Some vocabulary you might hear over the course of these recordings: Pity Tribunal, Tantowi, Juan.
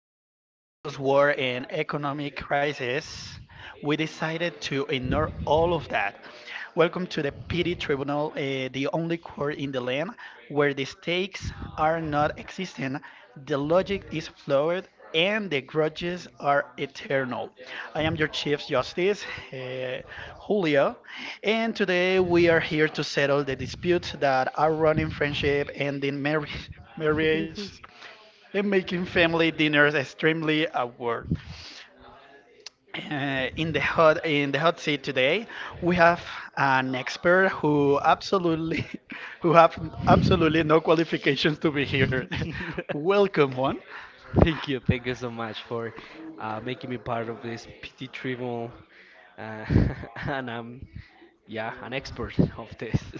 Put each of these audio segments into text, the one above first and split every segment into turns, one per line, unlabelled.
filled with chaos, war, and economic crisis, we decided to ignore all of that. Welcome to the Pity Tribunal, the only court in the land where the stakes are not existent, the logic is flawed, and the grudges are eternal. I am your Chief Justice, eh, Julio, and today we are here to settle the disputes that are running friendship, ending marriage, marriage and making family dinners extremely awkward. In the hot seat today, we have an expert who absolutely who have absolutely no qualifications to be here. Welcome, Juan.
Thank you so much for making me part of this PT trip. Yeah, an expert of this.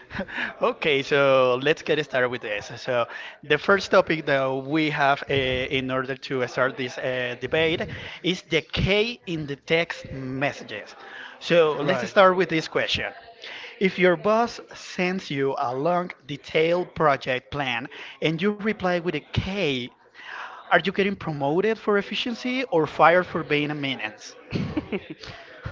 Okay, so let's get started with this. So, the first topic that we have in order to start this debate is the K in the text messages. So, let's
Right.
start with this question. If your boss sends you a long, detailed project plan and you reply with a K, are you getting promoted for efficiency or fired for being a menace?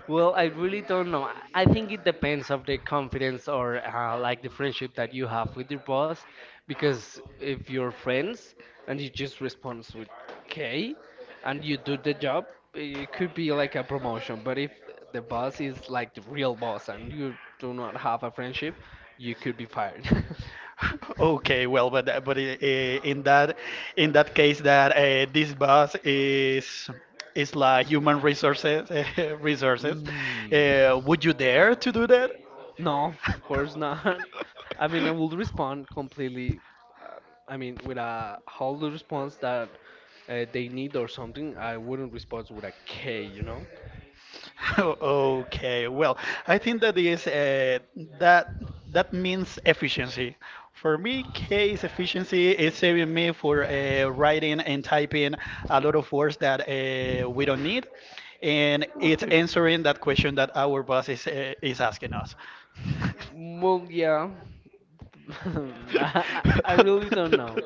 Well, I really don't know. I think it depends of the confidence or like the friendship that you have with your boss, because if you're friends and you just respond with K, and you do the job, it could be like a promotion. But if the boss is like the real boss and you do not have a friendship, you could be fired.
Okay, well, but that- but I- in that in that case, that this bus is like human resources resources.
Mm.
Would you dare to do that?
No, of course not. I mean, I will respond completely. Um, I mean, with a whole response that they need or something. I wouldn't respond with a K, you know.
Okay, well, I think that is that that means efficiency. For me, case efficiency is saving me for writing and typing a lot of words that we don't need, and it's
Okay.
answering that question that our boss is asking us.
Well, yeah. I really don't know.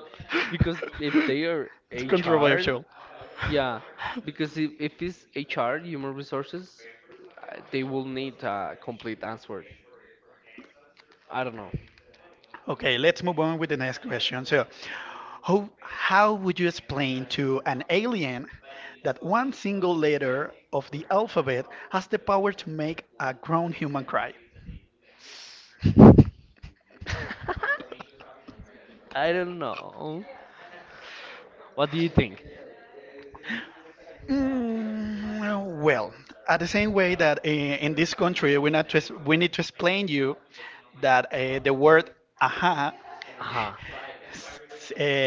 Because if they are
It's
HR,
controversial.
yeah. Because if it's HR, human resources, they will need a complete answer. I don't know.
Okay, let's move on with the next question. So, how would you explain to an alien that one single letter of the alphabet has the power to make a grown human cry?
I don't know. What do you think?
Mm, well, at the same way that in this country we, not to, we need to explain you that the word aha
Uh-huh.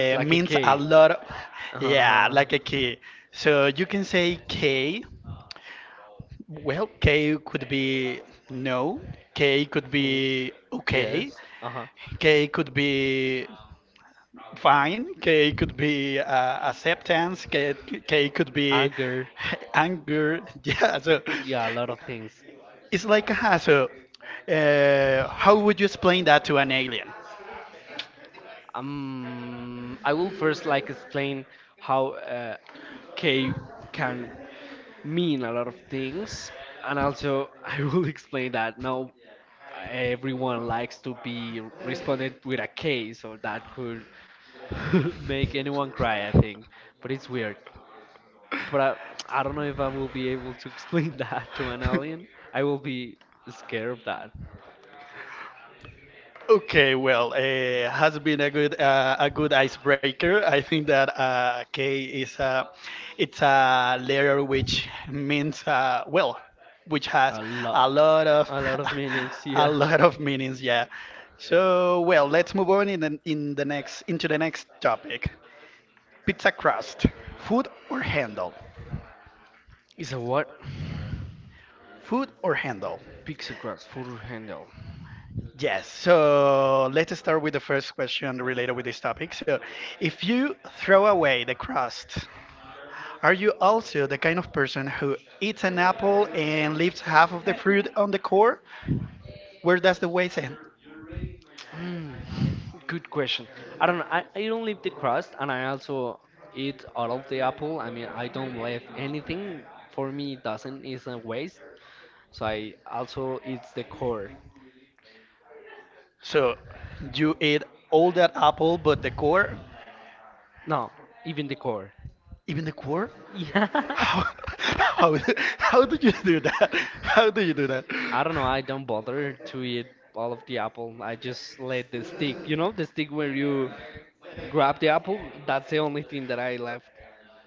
It's like a
means a
K.
lot of, yeah,
Uh-huh.
like a key. So you can say K. Well, K could be no. K could
Hmm.
be okay.
Yes. Uh-huh.
K could be fine. K could be acceptance. K, K could be
Anger.
anger. Yeah, so
Yeah, a lot of things.
it's like, how would you explain that to an alien?
I will first like explain how K can mean a lot of things, and also I will explain that now everyone likes to be responded with a K, so that could make anyone cry, I think. But it's weird. But I don't know if I will be able to explain that to an alien. I will be scared of that.
Okay, well, has been a good icebreaker. I think that K is a it's a letter which means well, which has
A
a
lot.
lot of
A lot of meanings,
a
yeah.
lot of meanings. Yeah. So well, let's move on in the next into the next topic. Pizza crust, food or handle?
Is a what?
Food or handle?
Pixagrass full handle.
Yes, so let's start with the first question related with this topic. So, if you throw away the crust, are you also the kind of person who eats an apple and leaves half of the fruit on the core? Where does the waste end?
Hmm, good question. I don't know. I don't leave the crust and I also eat out of the apple. I mean, I don't leave anything. For me, it doesn't, it's a waste. So I also eat the core.
So, you eat all that apple, but the core,
No, even the core.
even the core?
Yeah.
How, how, how do you do that? How do you do that?
I don't know. I don't bother to eat all of the apple. I just let the stick, you know, the stick where you grab the apple. That's the only thing that I left.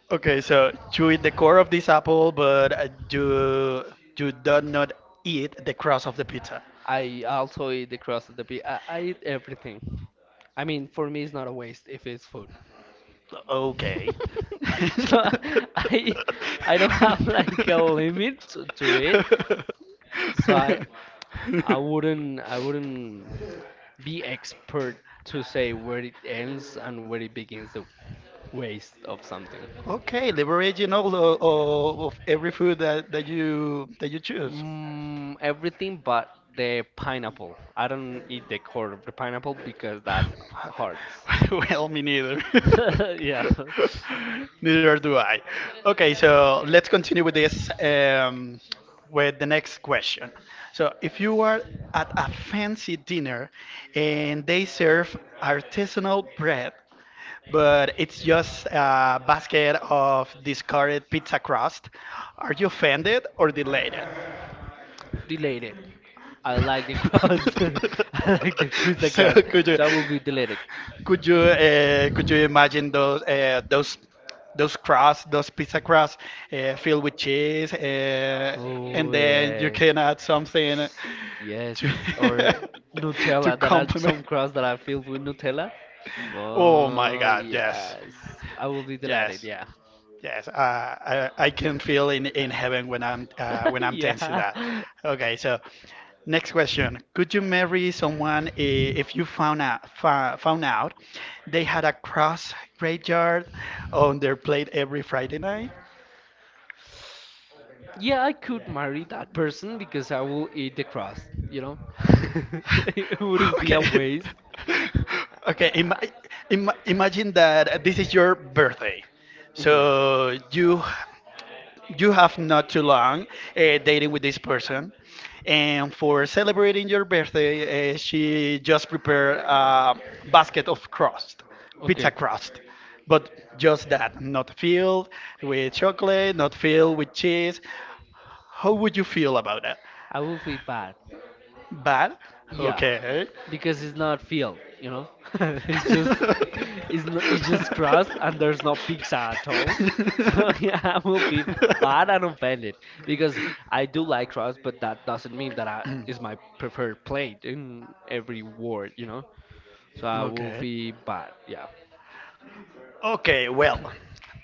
Okay, so you eat the core of this apple, but you do not eat the crust of the pizza.
I also eat the crust of the pig. I eat everything. I mean, for me, it's not a waste if it's food.
Okay.
So I I don't have like a limit to it. So I I wouldn't I wouldn't be expert to say where it ends and where it begins the waste of something.
Okay, leveraging all o- o- of every food that, that you choose.
Mm, everything but the pineapple. I don't eat the core of the pineapple because that hurts.
Well, me neither.
Yeah.
Neither do I. Okay, so let's continue with this with the next question. So, if you are at a fancy dinner and they serve artisanal bread, but it's just a basket of discarded pizza crust, are you offended or delighted?
Deleted. I like the cross. I like the pizza
So,
cross.
could you?
So I will be deleted.
Could you
Mhm.
imagine those pizza crust filled with cheese, and
Oh
then you
yeah.
can add something
Yes,
to
or
to
Nutella. There are
complement.
some crust that are filled with Nutella.
Oh my
Oh
God! Yes,
yes, I will be delighted.
yes.
Yeah.
Yes, I can feel in heaven when I'm tensing
Yeah.
that. Okay, so next question: Could you marry someone if you found out they had a cross graveyard on their plate every Friday night?
Yeah, I could marry that person because I will eat the crust, you know? It wouldn't be
Okay,
a waste.
okay. Im
Uh,
im imagine that this is your birthday,
mhm.
so you have not too long dating with this person and for celebrating your birthday she just prepared a basket of crust pizza
Okay.
crust but just that not filled with chocolate not filled with cheese how would you feel about that
I will feel bad.
bad
Yeah,
okay.
because it's not field, you know. It's just it's not, it's just crust and there's no pizza at all. So yeah, I will be bad and offended because I do like crust, but that doesn't mean that is my preferred plate in every word, you know. So I will
Okay.
be bad. Yeah.
Okay, well,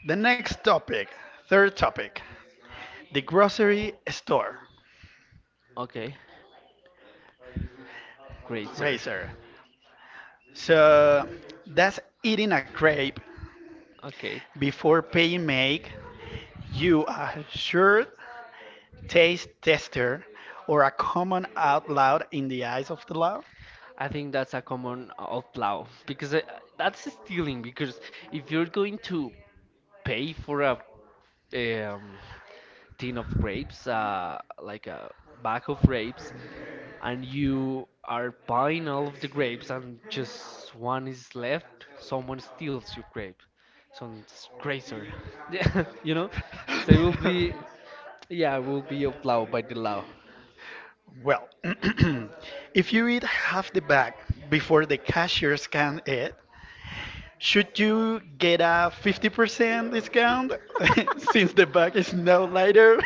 the next topic, third topic, the grocery store,
Okay. Great, sir.
Razor. So, does eating a crepe
Okay,
before paying make you a sure taste tester or a common out loud in the eyes of the law?
I think that's a common of plow because that's stealing. Because if you're going to pay for a um, tin of grapes, like a bag of grapes, and you are buying all of the grapes, and just one is left, someone steals your grape, some crazer, yeah, you know. So it will be, yeah, it will be outlawed by the law.
Well, if you eat half the bag before the cashier scans it, should you get a 50% discount since the bag is now lighter?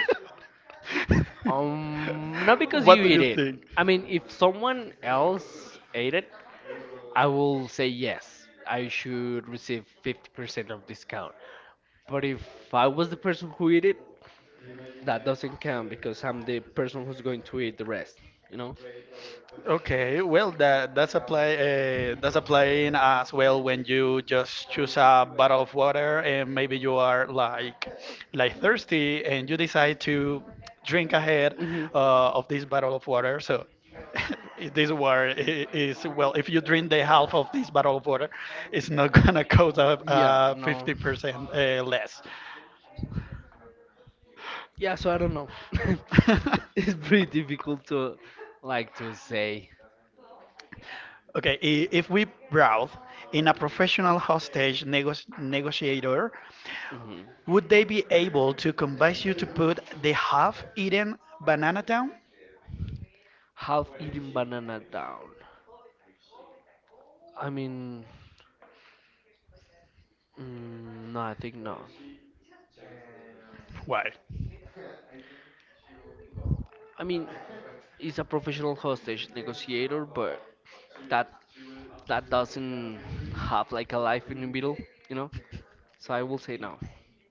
Not because
What
you
do
eat
you
it.
think?
I mean, if someone else ate it, I will say yes. I should receive 50% of discount. But if I was the person who eat it, that doesn't count because I'm the person who's going to eat the rest, you know?
Okay, well that that's apply that's applying as well when you just choose a bottle of water and maybe you are like thirsty and you decide to drink ahead
Hmm.
of this bottle of water. So this water is well, if you drink the half of this bottle of water, it's not gonna cost
Yeah, no.
50% less.
Yeah, so I don't know. It's pretty difficult to like to say.
Okay, if we brought in a professional hostage negotiator,
Hmm.
would they be able to convince you to put the half eaten banana down?
Half eaten banana down. I mean, mm, no, I think no.
Why?
I mean, he's a professional hostage negotiator, but that that doesn't have like a life in the middle, you know? So I will say no.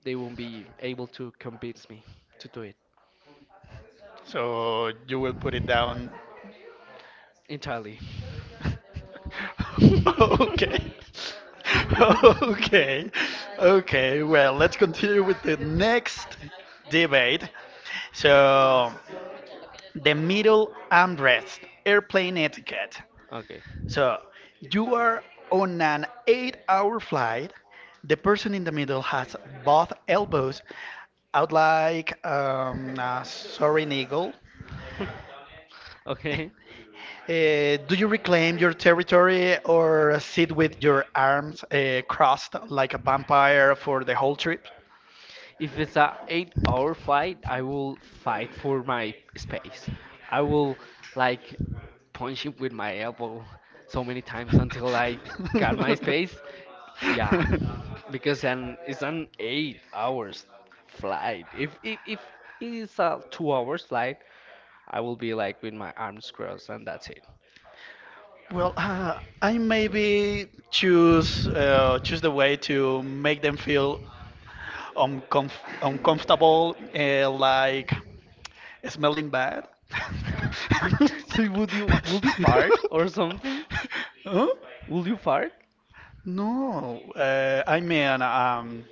They won't be able to convince me to do it
So you will put it down.
entirely.
Okay. Okay. Okay. Well, let's continue with the next debate. So, the middle armrest, airplane etiquette.
Okay.
So you are on an 8 hour flight. The person in the middle has both elbows out like a soaring eagle.
okay.
Do you reclaim your territory or sit with your arms crossed like a vampire for the whole trip?
If it's a 8 hour flight, I will fight for my space. I will like punch him with my elbow so many times until I got my space. Yeah, because an it's an 8 hours flight. If it's a 2 hours flight, I will be like with my arms crossed and that's it.
Well, I maybe choose the way to make them feel uncomf uncomfortable, like smelling bad.
So would you fart or something?
Huh?
Will you fart?
No, I mean,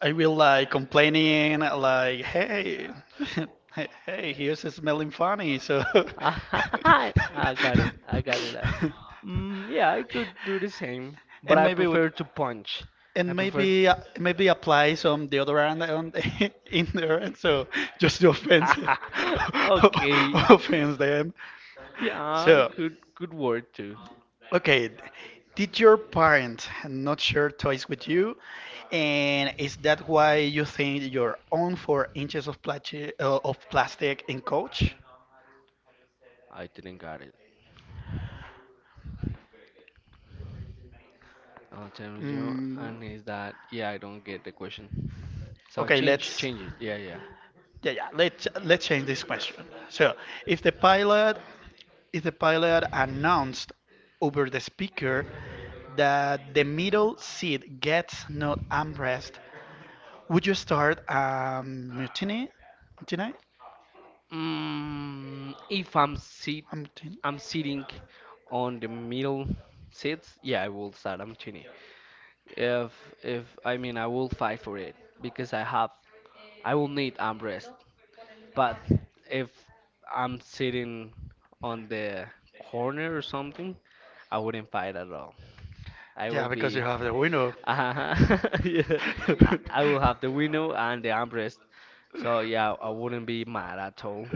I will like complaining, like, hey, hey, hey, here's a smelling funny. So,
I got it. I got it. I- Mm, yeah, I could do the same, but
and
I
maybe would.
prefer to punch. I
And
prefer.
maybe maybe apply some deodorant on in there, and so just to offense
Okay.
offense them.
Yeah,
So
it could work too.
okay, did your parents not share toys with you, and is that why you think your own 4 inches of plastic in coach?
I didn't got it. Oh, tell me, Joe,
Mm,
and is that? Yeah, I don't get the question. So
okay, let's
change it. Yeah.
yeah yeah let's change this question. So if the pilot if the pilot announced over the speaker that the middle seat gets not armrest, would you start a mutiny? Mutiny?
Mm, if I'm sit,
A mutiny?
I'm sitting on the middle seats, yeah, I will start. I'm Chini. If if I mean, I will fight for it because I have, I will need armrest. But if I'm sitting on the corner or something, I wouldn't fight at all. I will
Yeah, because you
be,
have the window.
uh yeah, I will have the window and the armrest. So yeah, I wouldn't be mad at all.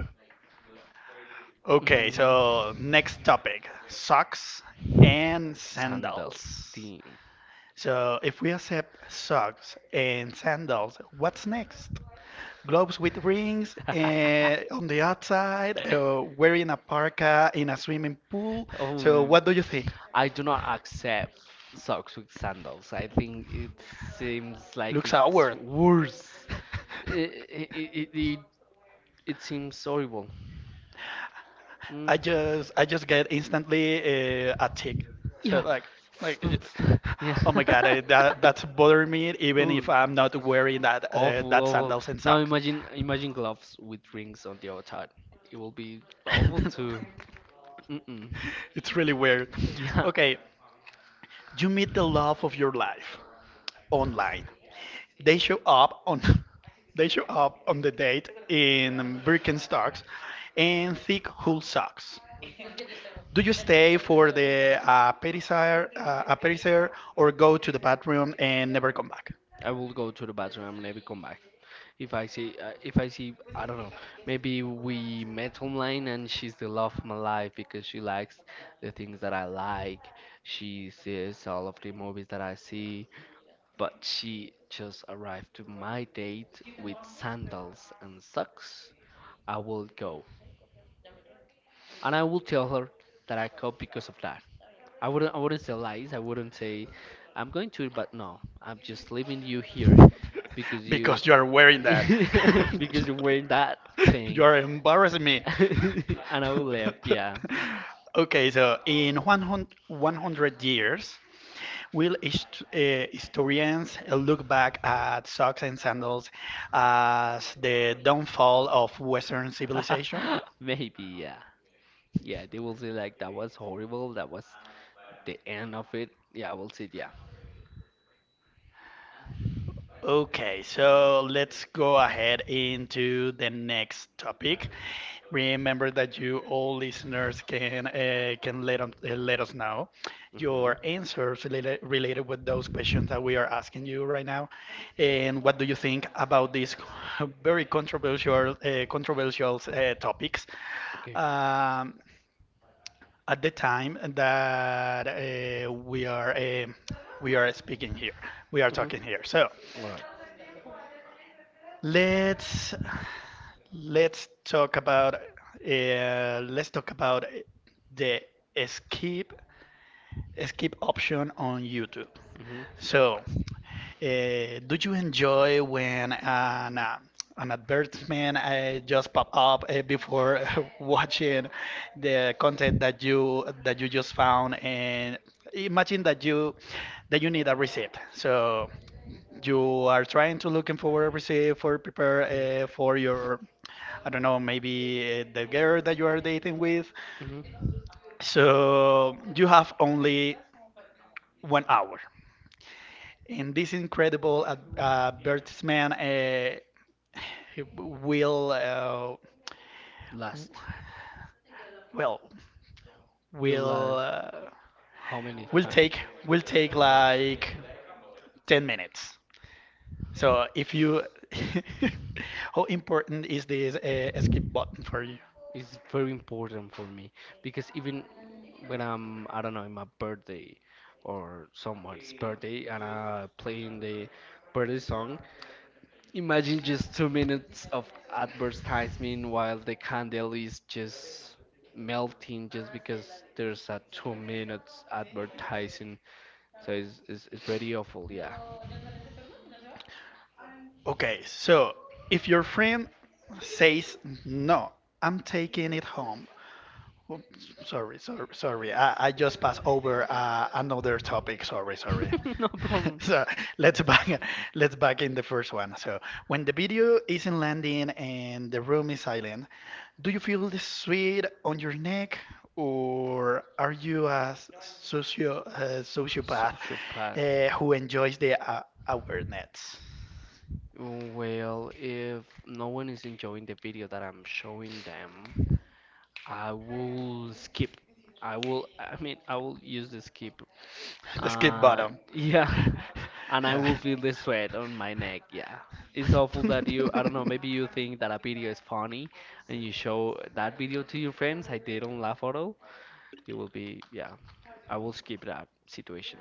Okay,
Mhm.
so next topic socks and
Sandal
sandals.
team.
So if we accept socks and sandals, what's next? Gloves with rings on the outside, wearing a parka in a swimming pool. So
Oh.
what do you think?
I do not accept socks with sandals. I think it seems like
Looks
it's
awkward.
worse. It, it, it, it, it seems horrible. Mm.
I just get instantly a tick. So
Yeah.
like like it-
Yeah.
oh my god, that that's bothering me even if
Ooh.
I'm not wearing that
Awful,
that
awful.
sandals and
Now
socks.
imagine gloves with rings on the outside. It will be awful too. Mm-mm.
It's really weird.
Yeah.
Okay, you meet the love of your life online. They show up on they show up on the date in Birkenstocks and thick wool socks. Do you stay for the aperitif or go to the bathroom and never come back?
I will go to the bathroom and maybe come back. If I see, I don't know. Maybe we met online and she's the love of my life because she likes the things that I like. She sees all of the movies that I see, but she just arrived to my date with sandals and socks. I will go, and I will tell her that I go because of that. I wouldn't say lies. I wouldn't say I'm going to, but no, I'm just leaving you here because you,
Because you are wearing that.
because you're wearing that
You
thing
are embarrassing me.
and I will left, yeah.
Okay, so in 100 years, will historians look back at socks and sandals as the downfall of Western civilization?
Maybe, yeah. Yeah, they will say like that was horrible, that was the end of it. Yeah, I will say yeah.
Okay, so let's go ahead into the next topic. Remember that you all listeners can let us know
Hmm.
your answers related with those questions that we are asking you right now, and what do you think about these very controversial topics?
Okay.
Um, at the time that we are speaking here, we are
Hmm.
talking here. So.
All right.
Let's let's talk about the skip skip option on YouTube.
Mm-hmm.
So, do you enjoy when an advertisement just pop up before watching the content that you just found? And imagine that you need a receipt. So you are trying to looking for a receipt for prepare for your I don't know maybe the girl that you are dating with.
Mm-hmm.
So you have only one hour. And this incredible advertisement will uh,
Last.
well
We'll
will
last.
uh,
How many
will
times?
take will take
How
like 10 minutes. So if you how important is this skip button for you?
It's very important for me because even when I'm, I don't know, in my birthday or someone's birthday and I'm playing the birthday song, imagine just 2 minutes of advertisement while the candle is just melting just because there's a 2 minutes advertising. So it's very awful, yeah.
Okay, so if your friend says no, I'm taking it home. Oh, sorry, sorry, sorry. I just passed over another topic. Sorry, sorry.
No problem.
So let's back let's back in the first one. So when the video isn't landing and the room is silent, do you feel the sweat on your neck, or are you a sociopath
Sociopath.
who enjoys the awareness?
Well, if no one is enjoying the video that I'm showing them, I will skip. I mean, I will use the skip
The skip
Uh,
bottom.
yeah, and I will feel the sweat on my neck. Yeah, it's awful
Yeah.
that you, I don't know, maybe you think that a video is funny and you show that video to your friends. I did at all. You will be, yeah, I will skip that situation.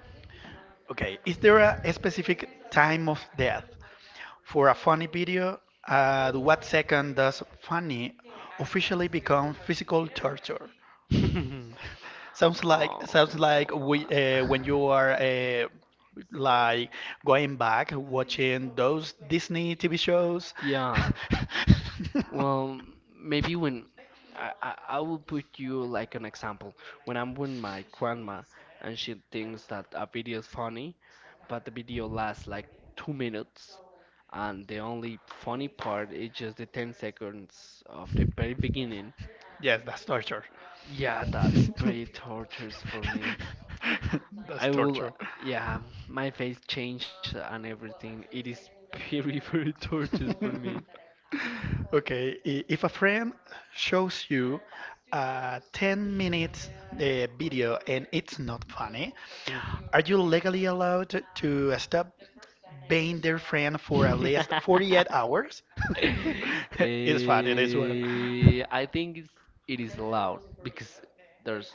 Okay, is there a specific time of death for a funny video? At what second does funny officially become physical torture? Sounds like
Oh.
when you are like going back watching those Disney TV shows.
Yeah. Well, maybe when I will put you like an example. When I'm with my grandma and she thinks that a video is funny, but the video lasts like 2 minutes, and the only funny part is just the 10 seconds of the very beginning.
Yes, that's torture.
Yeah, that's pretty torturous for me.
That's
I will,
torture.
yeah, my face changed and everything. It is very, very torturous for me.
Okay, if a friend shows you a 10 minutes video and it's not funny,
Mm.
are you legally allowed to stop being their friend for at least 48 hours? It's funny, this one.
Eh, it is loud because there's,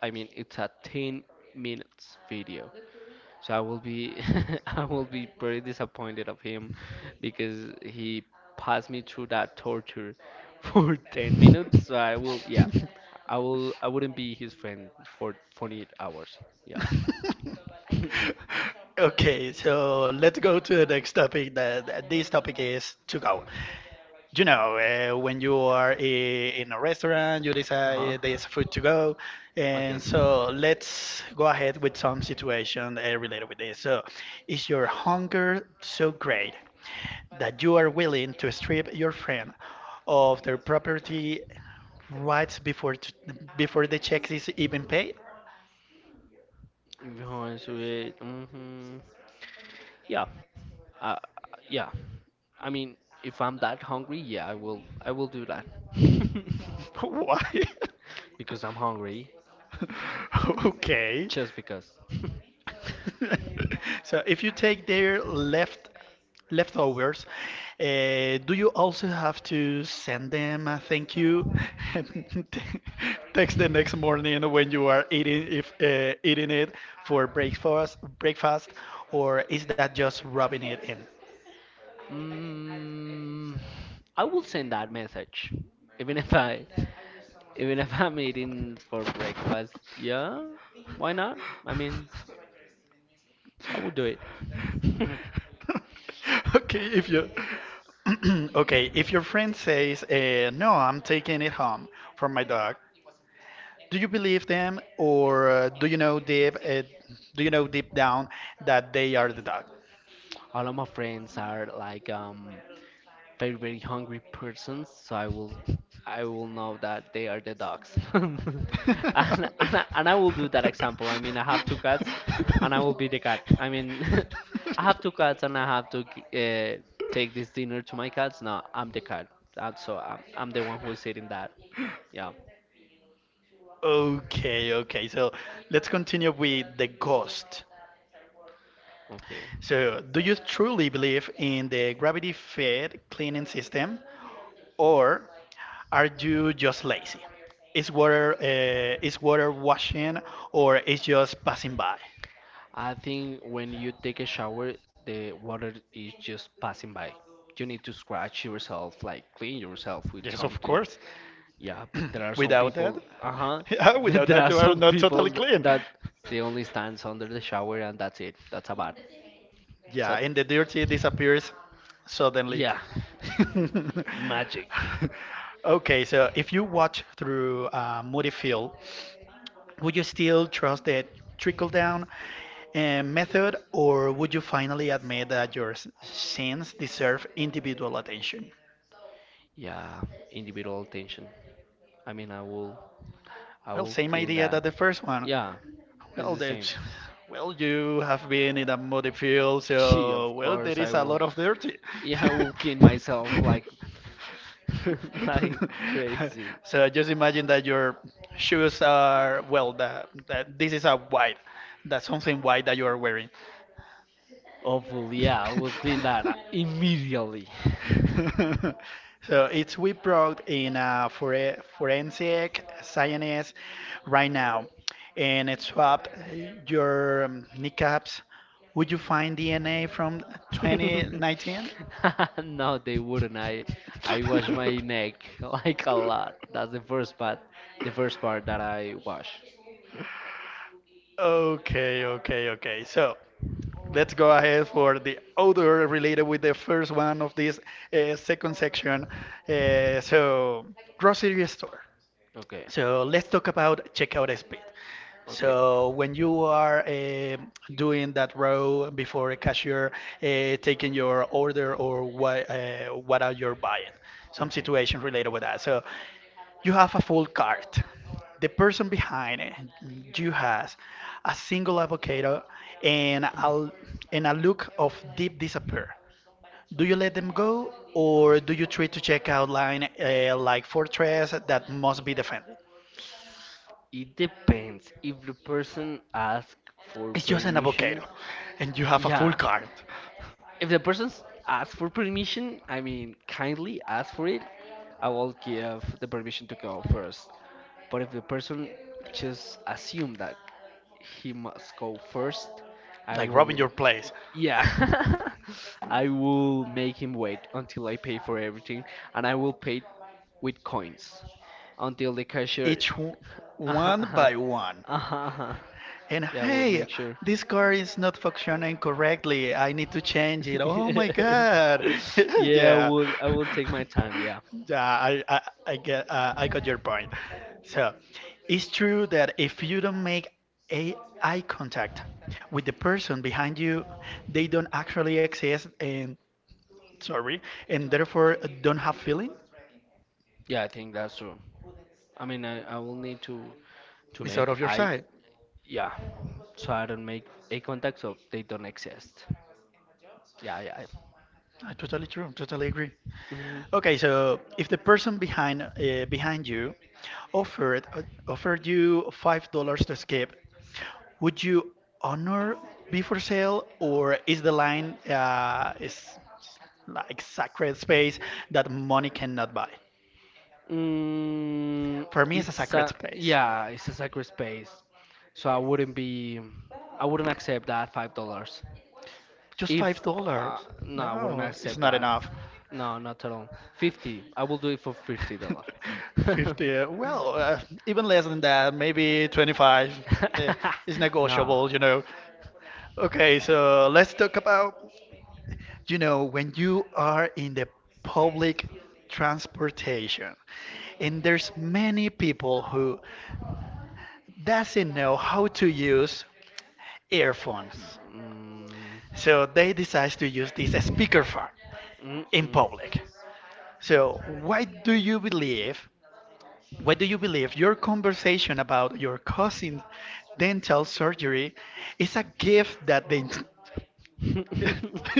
I mean, it's a 10 minutes video. So I will be, I will be very disappointed of him because he passed me through that torture for 10 minutes. So I will, I wouldn't be his friend for 48 hours. Yeah. Okay, so
Okay, so let's go to the next topic. That this topic is to go. You know, when you are in a restaurant, you decide there's food to go, and so let's go ahead with some situation related with this. So, is your hunger so great that you are willing to strip your friend of their property rights before the check is even paid?
If you want to eat, mm-hmm. Yeah. Uh, yeah. I mean, if I'm that hungry, yeah, I will. I will do that.
Why?
Because I'm hungry,
Okay.
just because.
So if you take their leftovers, do you also have to send them a thank you and text the next morning when you are eating if eating it for breakfast, or is that just rubbing it in?
Mm, I will send that message, even if I, even if I'm eating for breakfast. Yeah, why not? I mean, I would do it.
Okay, if you okay, if your friend says, "No, I'm taking it home for my dog," do you believe them, or do you know deep down that they are the dog?
All of my friends are like very very hungry persons, so I will know that they are the dogs. And I will do that example. I mean, I have two cats, and I will be the cat. I mean, I have two cats, and I have to take this dinner to my cats. No, I'm the cat, and so I'm the one who is eating that. Yeah.
Okay, okay. So let's continue with the ghost.
Okay.
So, do you truly believe in the gravity-fed cleaning no, system, or are you just lazy? Is water washing, or is just passing by?
I think when you take a shower, the water is just passing by. You need to scratch yourself, like clean yourself with
Yes, of
something.
course.
Yeah, but there are some
Without that,
people, uh-huh,
yeah,
but
without
there
that,
are
you are
some
not
people
totally
th-
clean.
that they only stands under the shower and that's it. That's about. So
Yeah, and the dirty disappears suddenly.
yeah, magic.
Okay, so if you watch through a moody field, would you still trust the trickle down method, or would you finally admit that your sins deserve individual attention?
Yeah, individual attention. I mean, I will, I
Well,
will
same
clean
idea
that.
that the first one.
Yeah, it's
Well,
the same.
well, you have been in a muddy field,
Gee, of
so well,
course
there
I
is a
will.
lot of dirty.
Yeah, I will clean myself like, like crazy.
So just imagine that your shoes are well, that this is a white, that's something white that you are wearing.
Awful. Yeah, I will clean that immediately.
So it's we brought in a forensic scientist right now, and it swapped your kneecaps. Would you find DNA from 2019?
No, they wouldn't. I wash my neck like a lot. That's the first part, The first part that I wash.
Okay, okay, okay. So, let's go ahead for the odor related with the first one of this second section. So, grocery store.
Okay,
So let's talk about checkout speed.
okay,
So when you are doing that row before a cashier taking your order or what are you buying, some
okay.
situation related with that. So you have a full cart. The person behind it, you has a single avocado and a, and a look of deep disappear. Do you let them go or do you treat to checkout line like fortress that must be defended?
It depends if the person asks for
It's just an
permission.
avocado, and you have a full
Yeah,
card,
if the person asks for permission, I mean kindly ask for it, I will give the permission to go first. But if the person just assume that he must go first. I
like robbing
will,
your place,
yeah, I will make him wait until I pay for everything, and I will pay with coins until the cashier.
each w-
Uh-huh,
one
uh-huh,
by one.
uh-huh. Uh-huh.
And
Yeah, I will
hey,
make sure.
this card is not functioning correctly. I need to change it. Oh my god!
Yeah,
Yeah,
I will take my time. Yeah,
yeah. I got your point. So, it's true that if you don't make a eye contact with the person behind you, they don't actually exist, and sorry, and therefore don't have feeling
yeah, I think that's true. I mean, I will need to
is out
make
of your
I
side.
Yeah, so I don't make a contact, so they don't exist. Yeah, yeah, yeah.
Ah, totally true. Totally agree.
Mm-hmm.
Okay, so if the person behind you offered uh, offered you $5 to escape, would you honor be for sale or is the line is like sacred space that money cannot buy?
Mm,
For me, it's a
it's
sacred
a
space.
yeah, it's a sacred space, so I wouldn't be, I wouldn't accept that $5.
Just five
If
dollars?
no, I wouldn't
No, it's
accept
not
that.
enough.
No, not at all. 50, I will do it for $50.
50, well, even less than that, maybe 25 uh, is
No.
negotiable. Okay, so let's talk about when you are in the public transportation and there's many people who doesn't know how to use earphones.
Mm.
So they decide to use this speakerphone in
Mm-mm.
public. So why do you believe what do you believe? Your conversation about your cousin's dental surgery is a gift that they.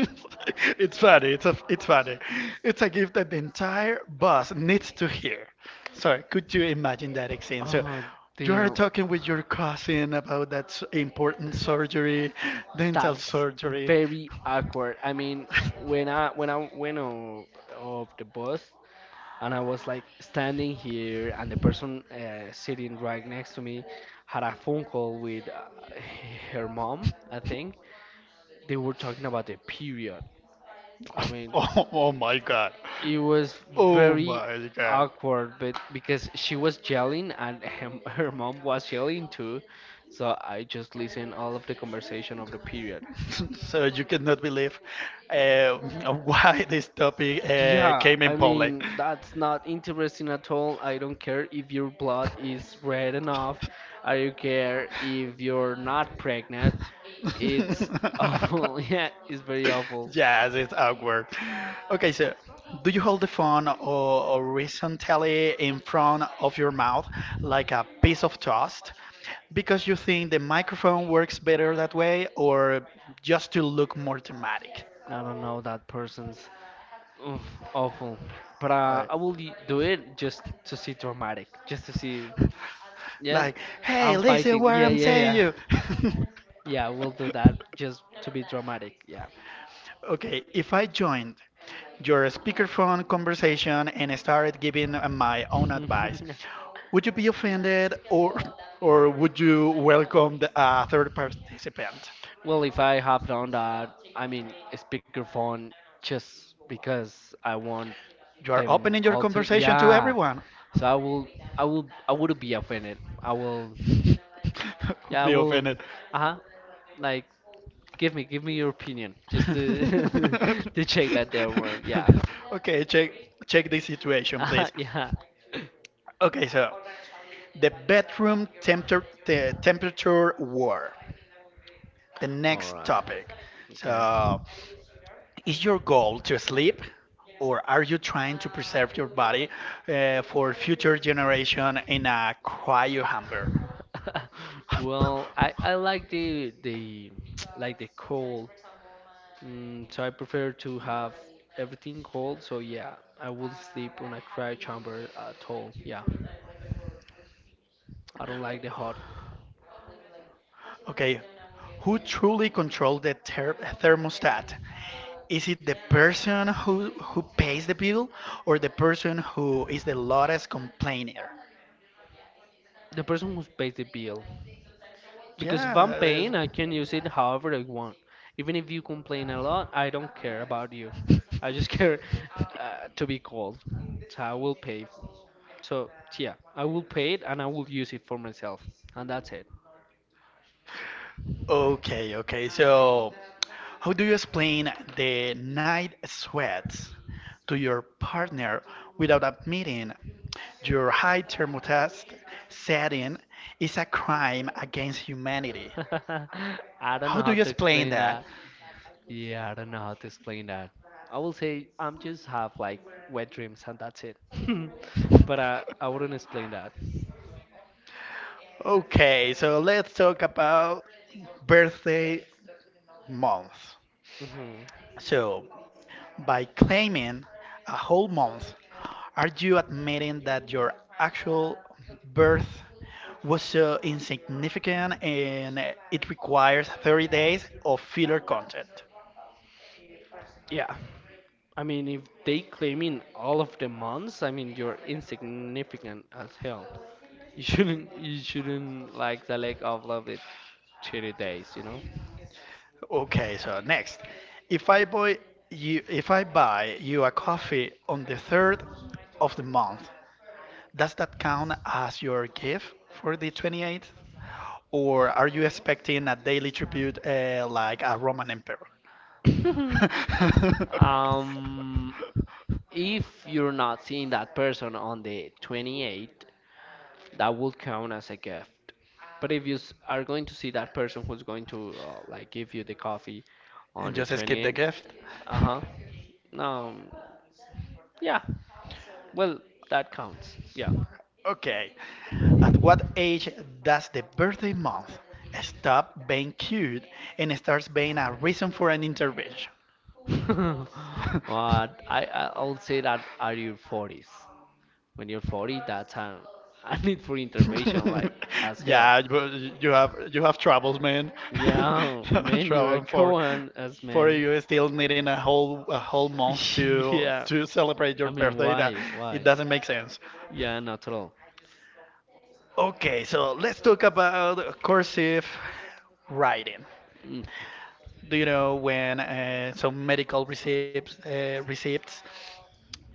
It's funny. It's funny. It's a gift that the entire bus needs to hear. So could you imagine that scene? So
Oh
you are
damn,
talking with your cousin about that important surgery, dental
that's
surgery.
very awkward. I mean, when I when I went off the bus and I was like standing here, and the person sitting right next to me had a phone call with her mom, I think. They were talking about the period. I mean,
Oh my god.
it was
Oh
very
my god.
awkward, but because she was yelling and him, her mom was yelling too, so I just listened all of the conversation of the period.
So you cannot believe uh, why this topic
Yeah,
came in
I
public.
mean that's not interesting at all. I don't care if your blood is red enough. I don't care if you're not pregnant. It's awful. Yeah, it's very awful.
Yes, it's awkward. Okay, so do you hold the phone or horizontally in front of your mouth like a piece of toast because you think the microphone works better that way or just to look more dramatic?
I don't know that person's. Oof, awful. But
Like,
I will do it just to see dramatic, just to see. Yeah,
like, hey,
I'm
listen
fighting.
what
Yeah,
I'm
yeah,
saying
yeah.
you.
Yeah, we'll do that just to be dramatic. Yeah.
Okay, if I joined your speakerphone conversation and started giving my own advice. Would you be offended or would you welcome the third participant?
Well, if I have done that, I mean, a speakerphone just because I want
You are
them
opening your
all to,
conversation to
yeah.
everyone.
So I wouldn't be offended. I will,
Would
yeah, I
be
will,
offended.
Uh-huh, like, give me your opinion just to, to check that they're wrong. Yeah.
Okay, check this situation,
Uh-huh,
please.
yeah.
Okay, so the bedroom temperature war. The
All
next
right.
topic.
Okay.
So, is your goal to sleep, or are you trying to preserve your body for future generation in a cryo hamper?
Well, I like the like the cold, mm, so I prefer to have everything cold. So yeah, I will sleep on a quiet chamber at all. Yeah, I don't like the hot.
Okay, who truly controls the thermostat? Is it the person who pays the bill, or the person who is the loudest complainer?
The person who pays the bill, because if I'm
Yeah.
paying, I can use it however I want. Even if you complain a lot, I don't care about you. I just care to be cold. So I will pay. So yeah, I will pay it and I will use it for myself, and that's it.
Okay, okay. So, how do you explain the night sweats to your partner without admitting your high thermostat setting is a crime against humanity?
I don't know
How do
how
you
to
explain
explain
that?
that. Yeah, I don't know how to explain that. I will say I'm just have like wet dreams and that's it. But I wouldn't explain that.
Okay, so let's talk about birthday month.
Hmm.
So, by claiming a whole month, are you admitting that your actual birth was so insignificant and it requires 30 days of filler content?
Yeah. I mean, if they claim in all of the months, I mean, you're insignificant as hell. You shouldn't like select all of the 30 days, you know?
Okay, so next, if I buy if I buy you a coffee on the third of the month, does that count as your gift for the 28th? Or are you expecting a daily tribute like a Roman emperor?
Um, if you're not seeing that person on the 28th, that will count as a gift. But if you are going to see that person who's going to like give you the coffee on
And
the
just skip the
28th,
gift.
uh-huh. Um, yeah. Well, that counts. Yeah.
Okay. At what age does the birthday month stop being cute and starts being a reason for an intervention?
But I'll say that are your 40s. When you're 40, that's time I need for intervention like as hell.
Yeah, you have troubles, man. You
Yeah,
have
man, you're a
trouble
Cohen as
for
man.
you still needing a whole month
Yeah.
to celebrate your
I mean,
birthday. That
why?
it
Why?
doesn't make sense.
Yeah, not at all.
Okay, so let's talk about cursive writing.
Mm.
Do you know when some medical receipts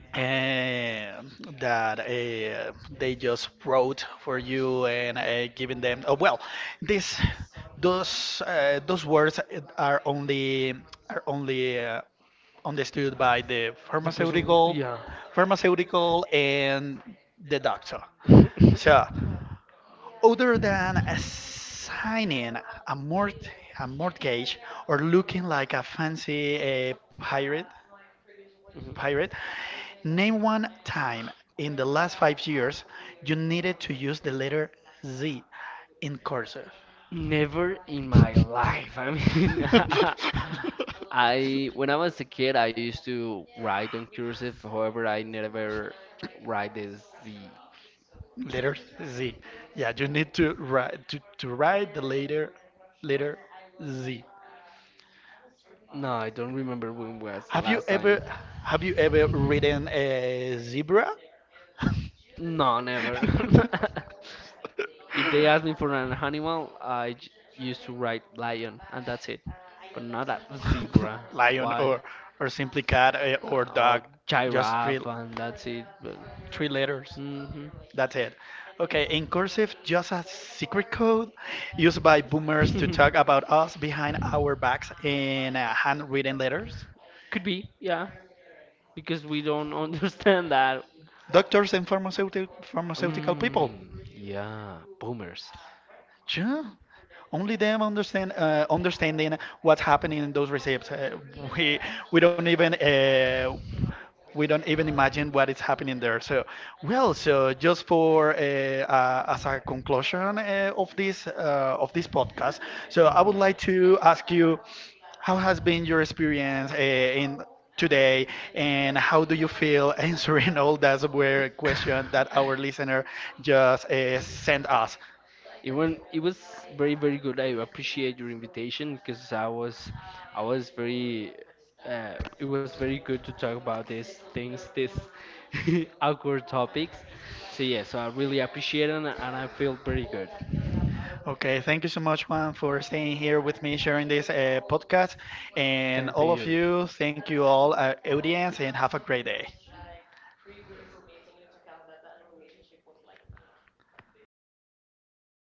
uh, that they just wrote for you and giving them? Oh well, this those words are only are only uh, understood by the
The person, who- yeah.
pharmaceutical and the doctor.
Mhm.
So other than signing a, mort- a mortgage or looking like a fancy pirate, name one time in the last 5 years you needed to use the letter Z in cursive.
Never in my life. I mean, I when I was a kid, I used to write on cursive. However, I never write this the.
Letter Z. Yeah, you need to write the letter Z.
No, I don't remember when was the
Have you
last
ever
time.
have you ever ridden a zebra?
No, never. If they ask me for an animal, used to write lion, and that's it. But not a zebra.
Lion
Why?
or simply cat or dog.
Or
Just
giraffe, and that's it. But
three letters.
hmm.
That's it. Okay, in cursive, just a secret code used by boomers to talk about us behind our backs in handwritten letters.
Could be, yeah, because we don't understand that.
Doctors and pharmaceutical people.
Mm, yeah, boomers.
Yeah. Only them understanding what's happening in those receipts. We we don't even imagine what is happening there. So, well, so just for as a conclusion of this podcast, so I would
Mhm.
like to ask you, how has been your experience in today, and how do you feel answering all those were questions that our listener just sent us?
It was very good. I appreciate your invitation because I was very it was very good to talk about these things, these awkward topics. So yeah, so I really appreciate it and I feel very good.
Okay, thank you so much, Juan, for staying here with me, sharing this podcast. And
Thank
all of
you.
you, thank you all, audience, and have a great day.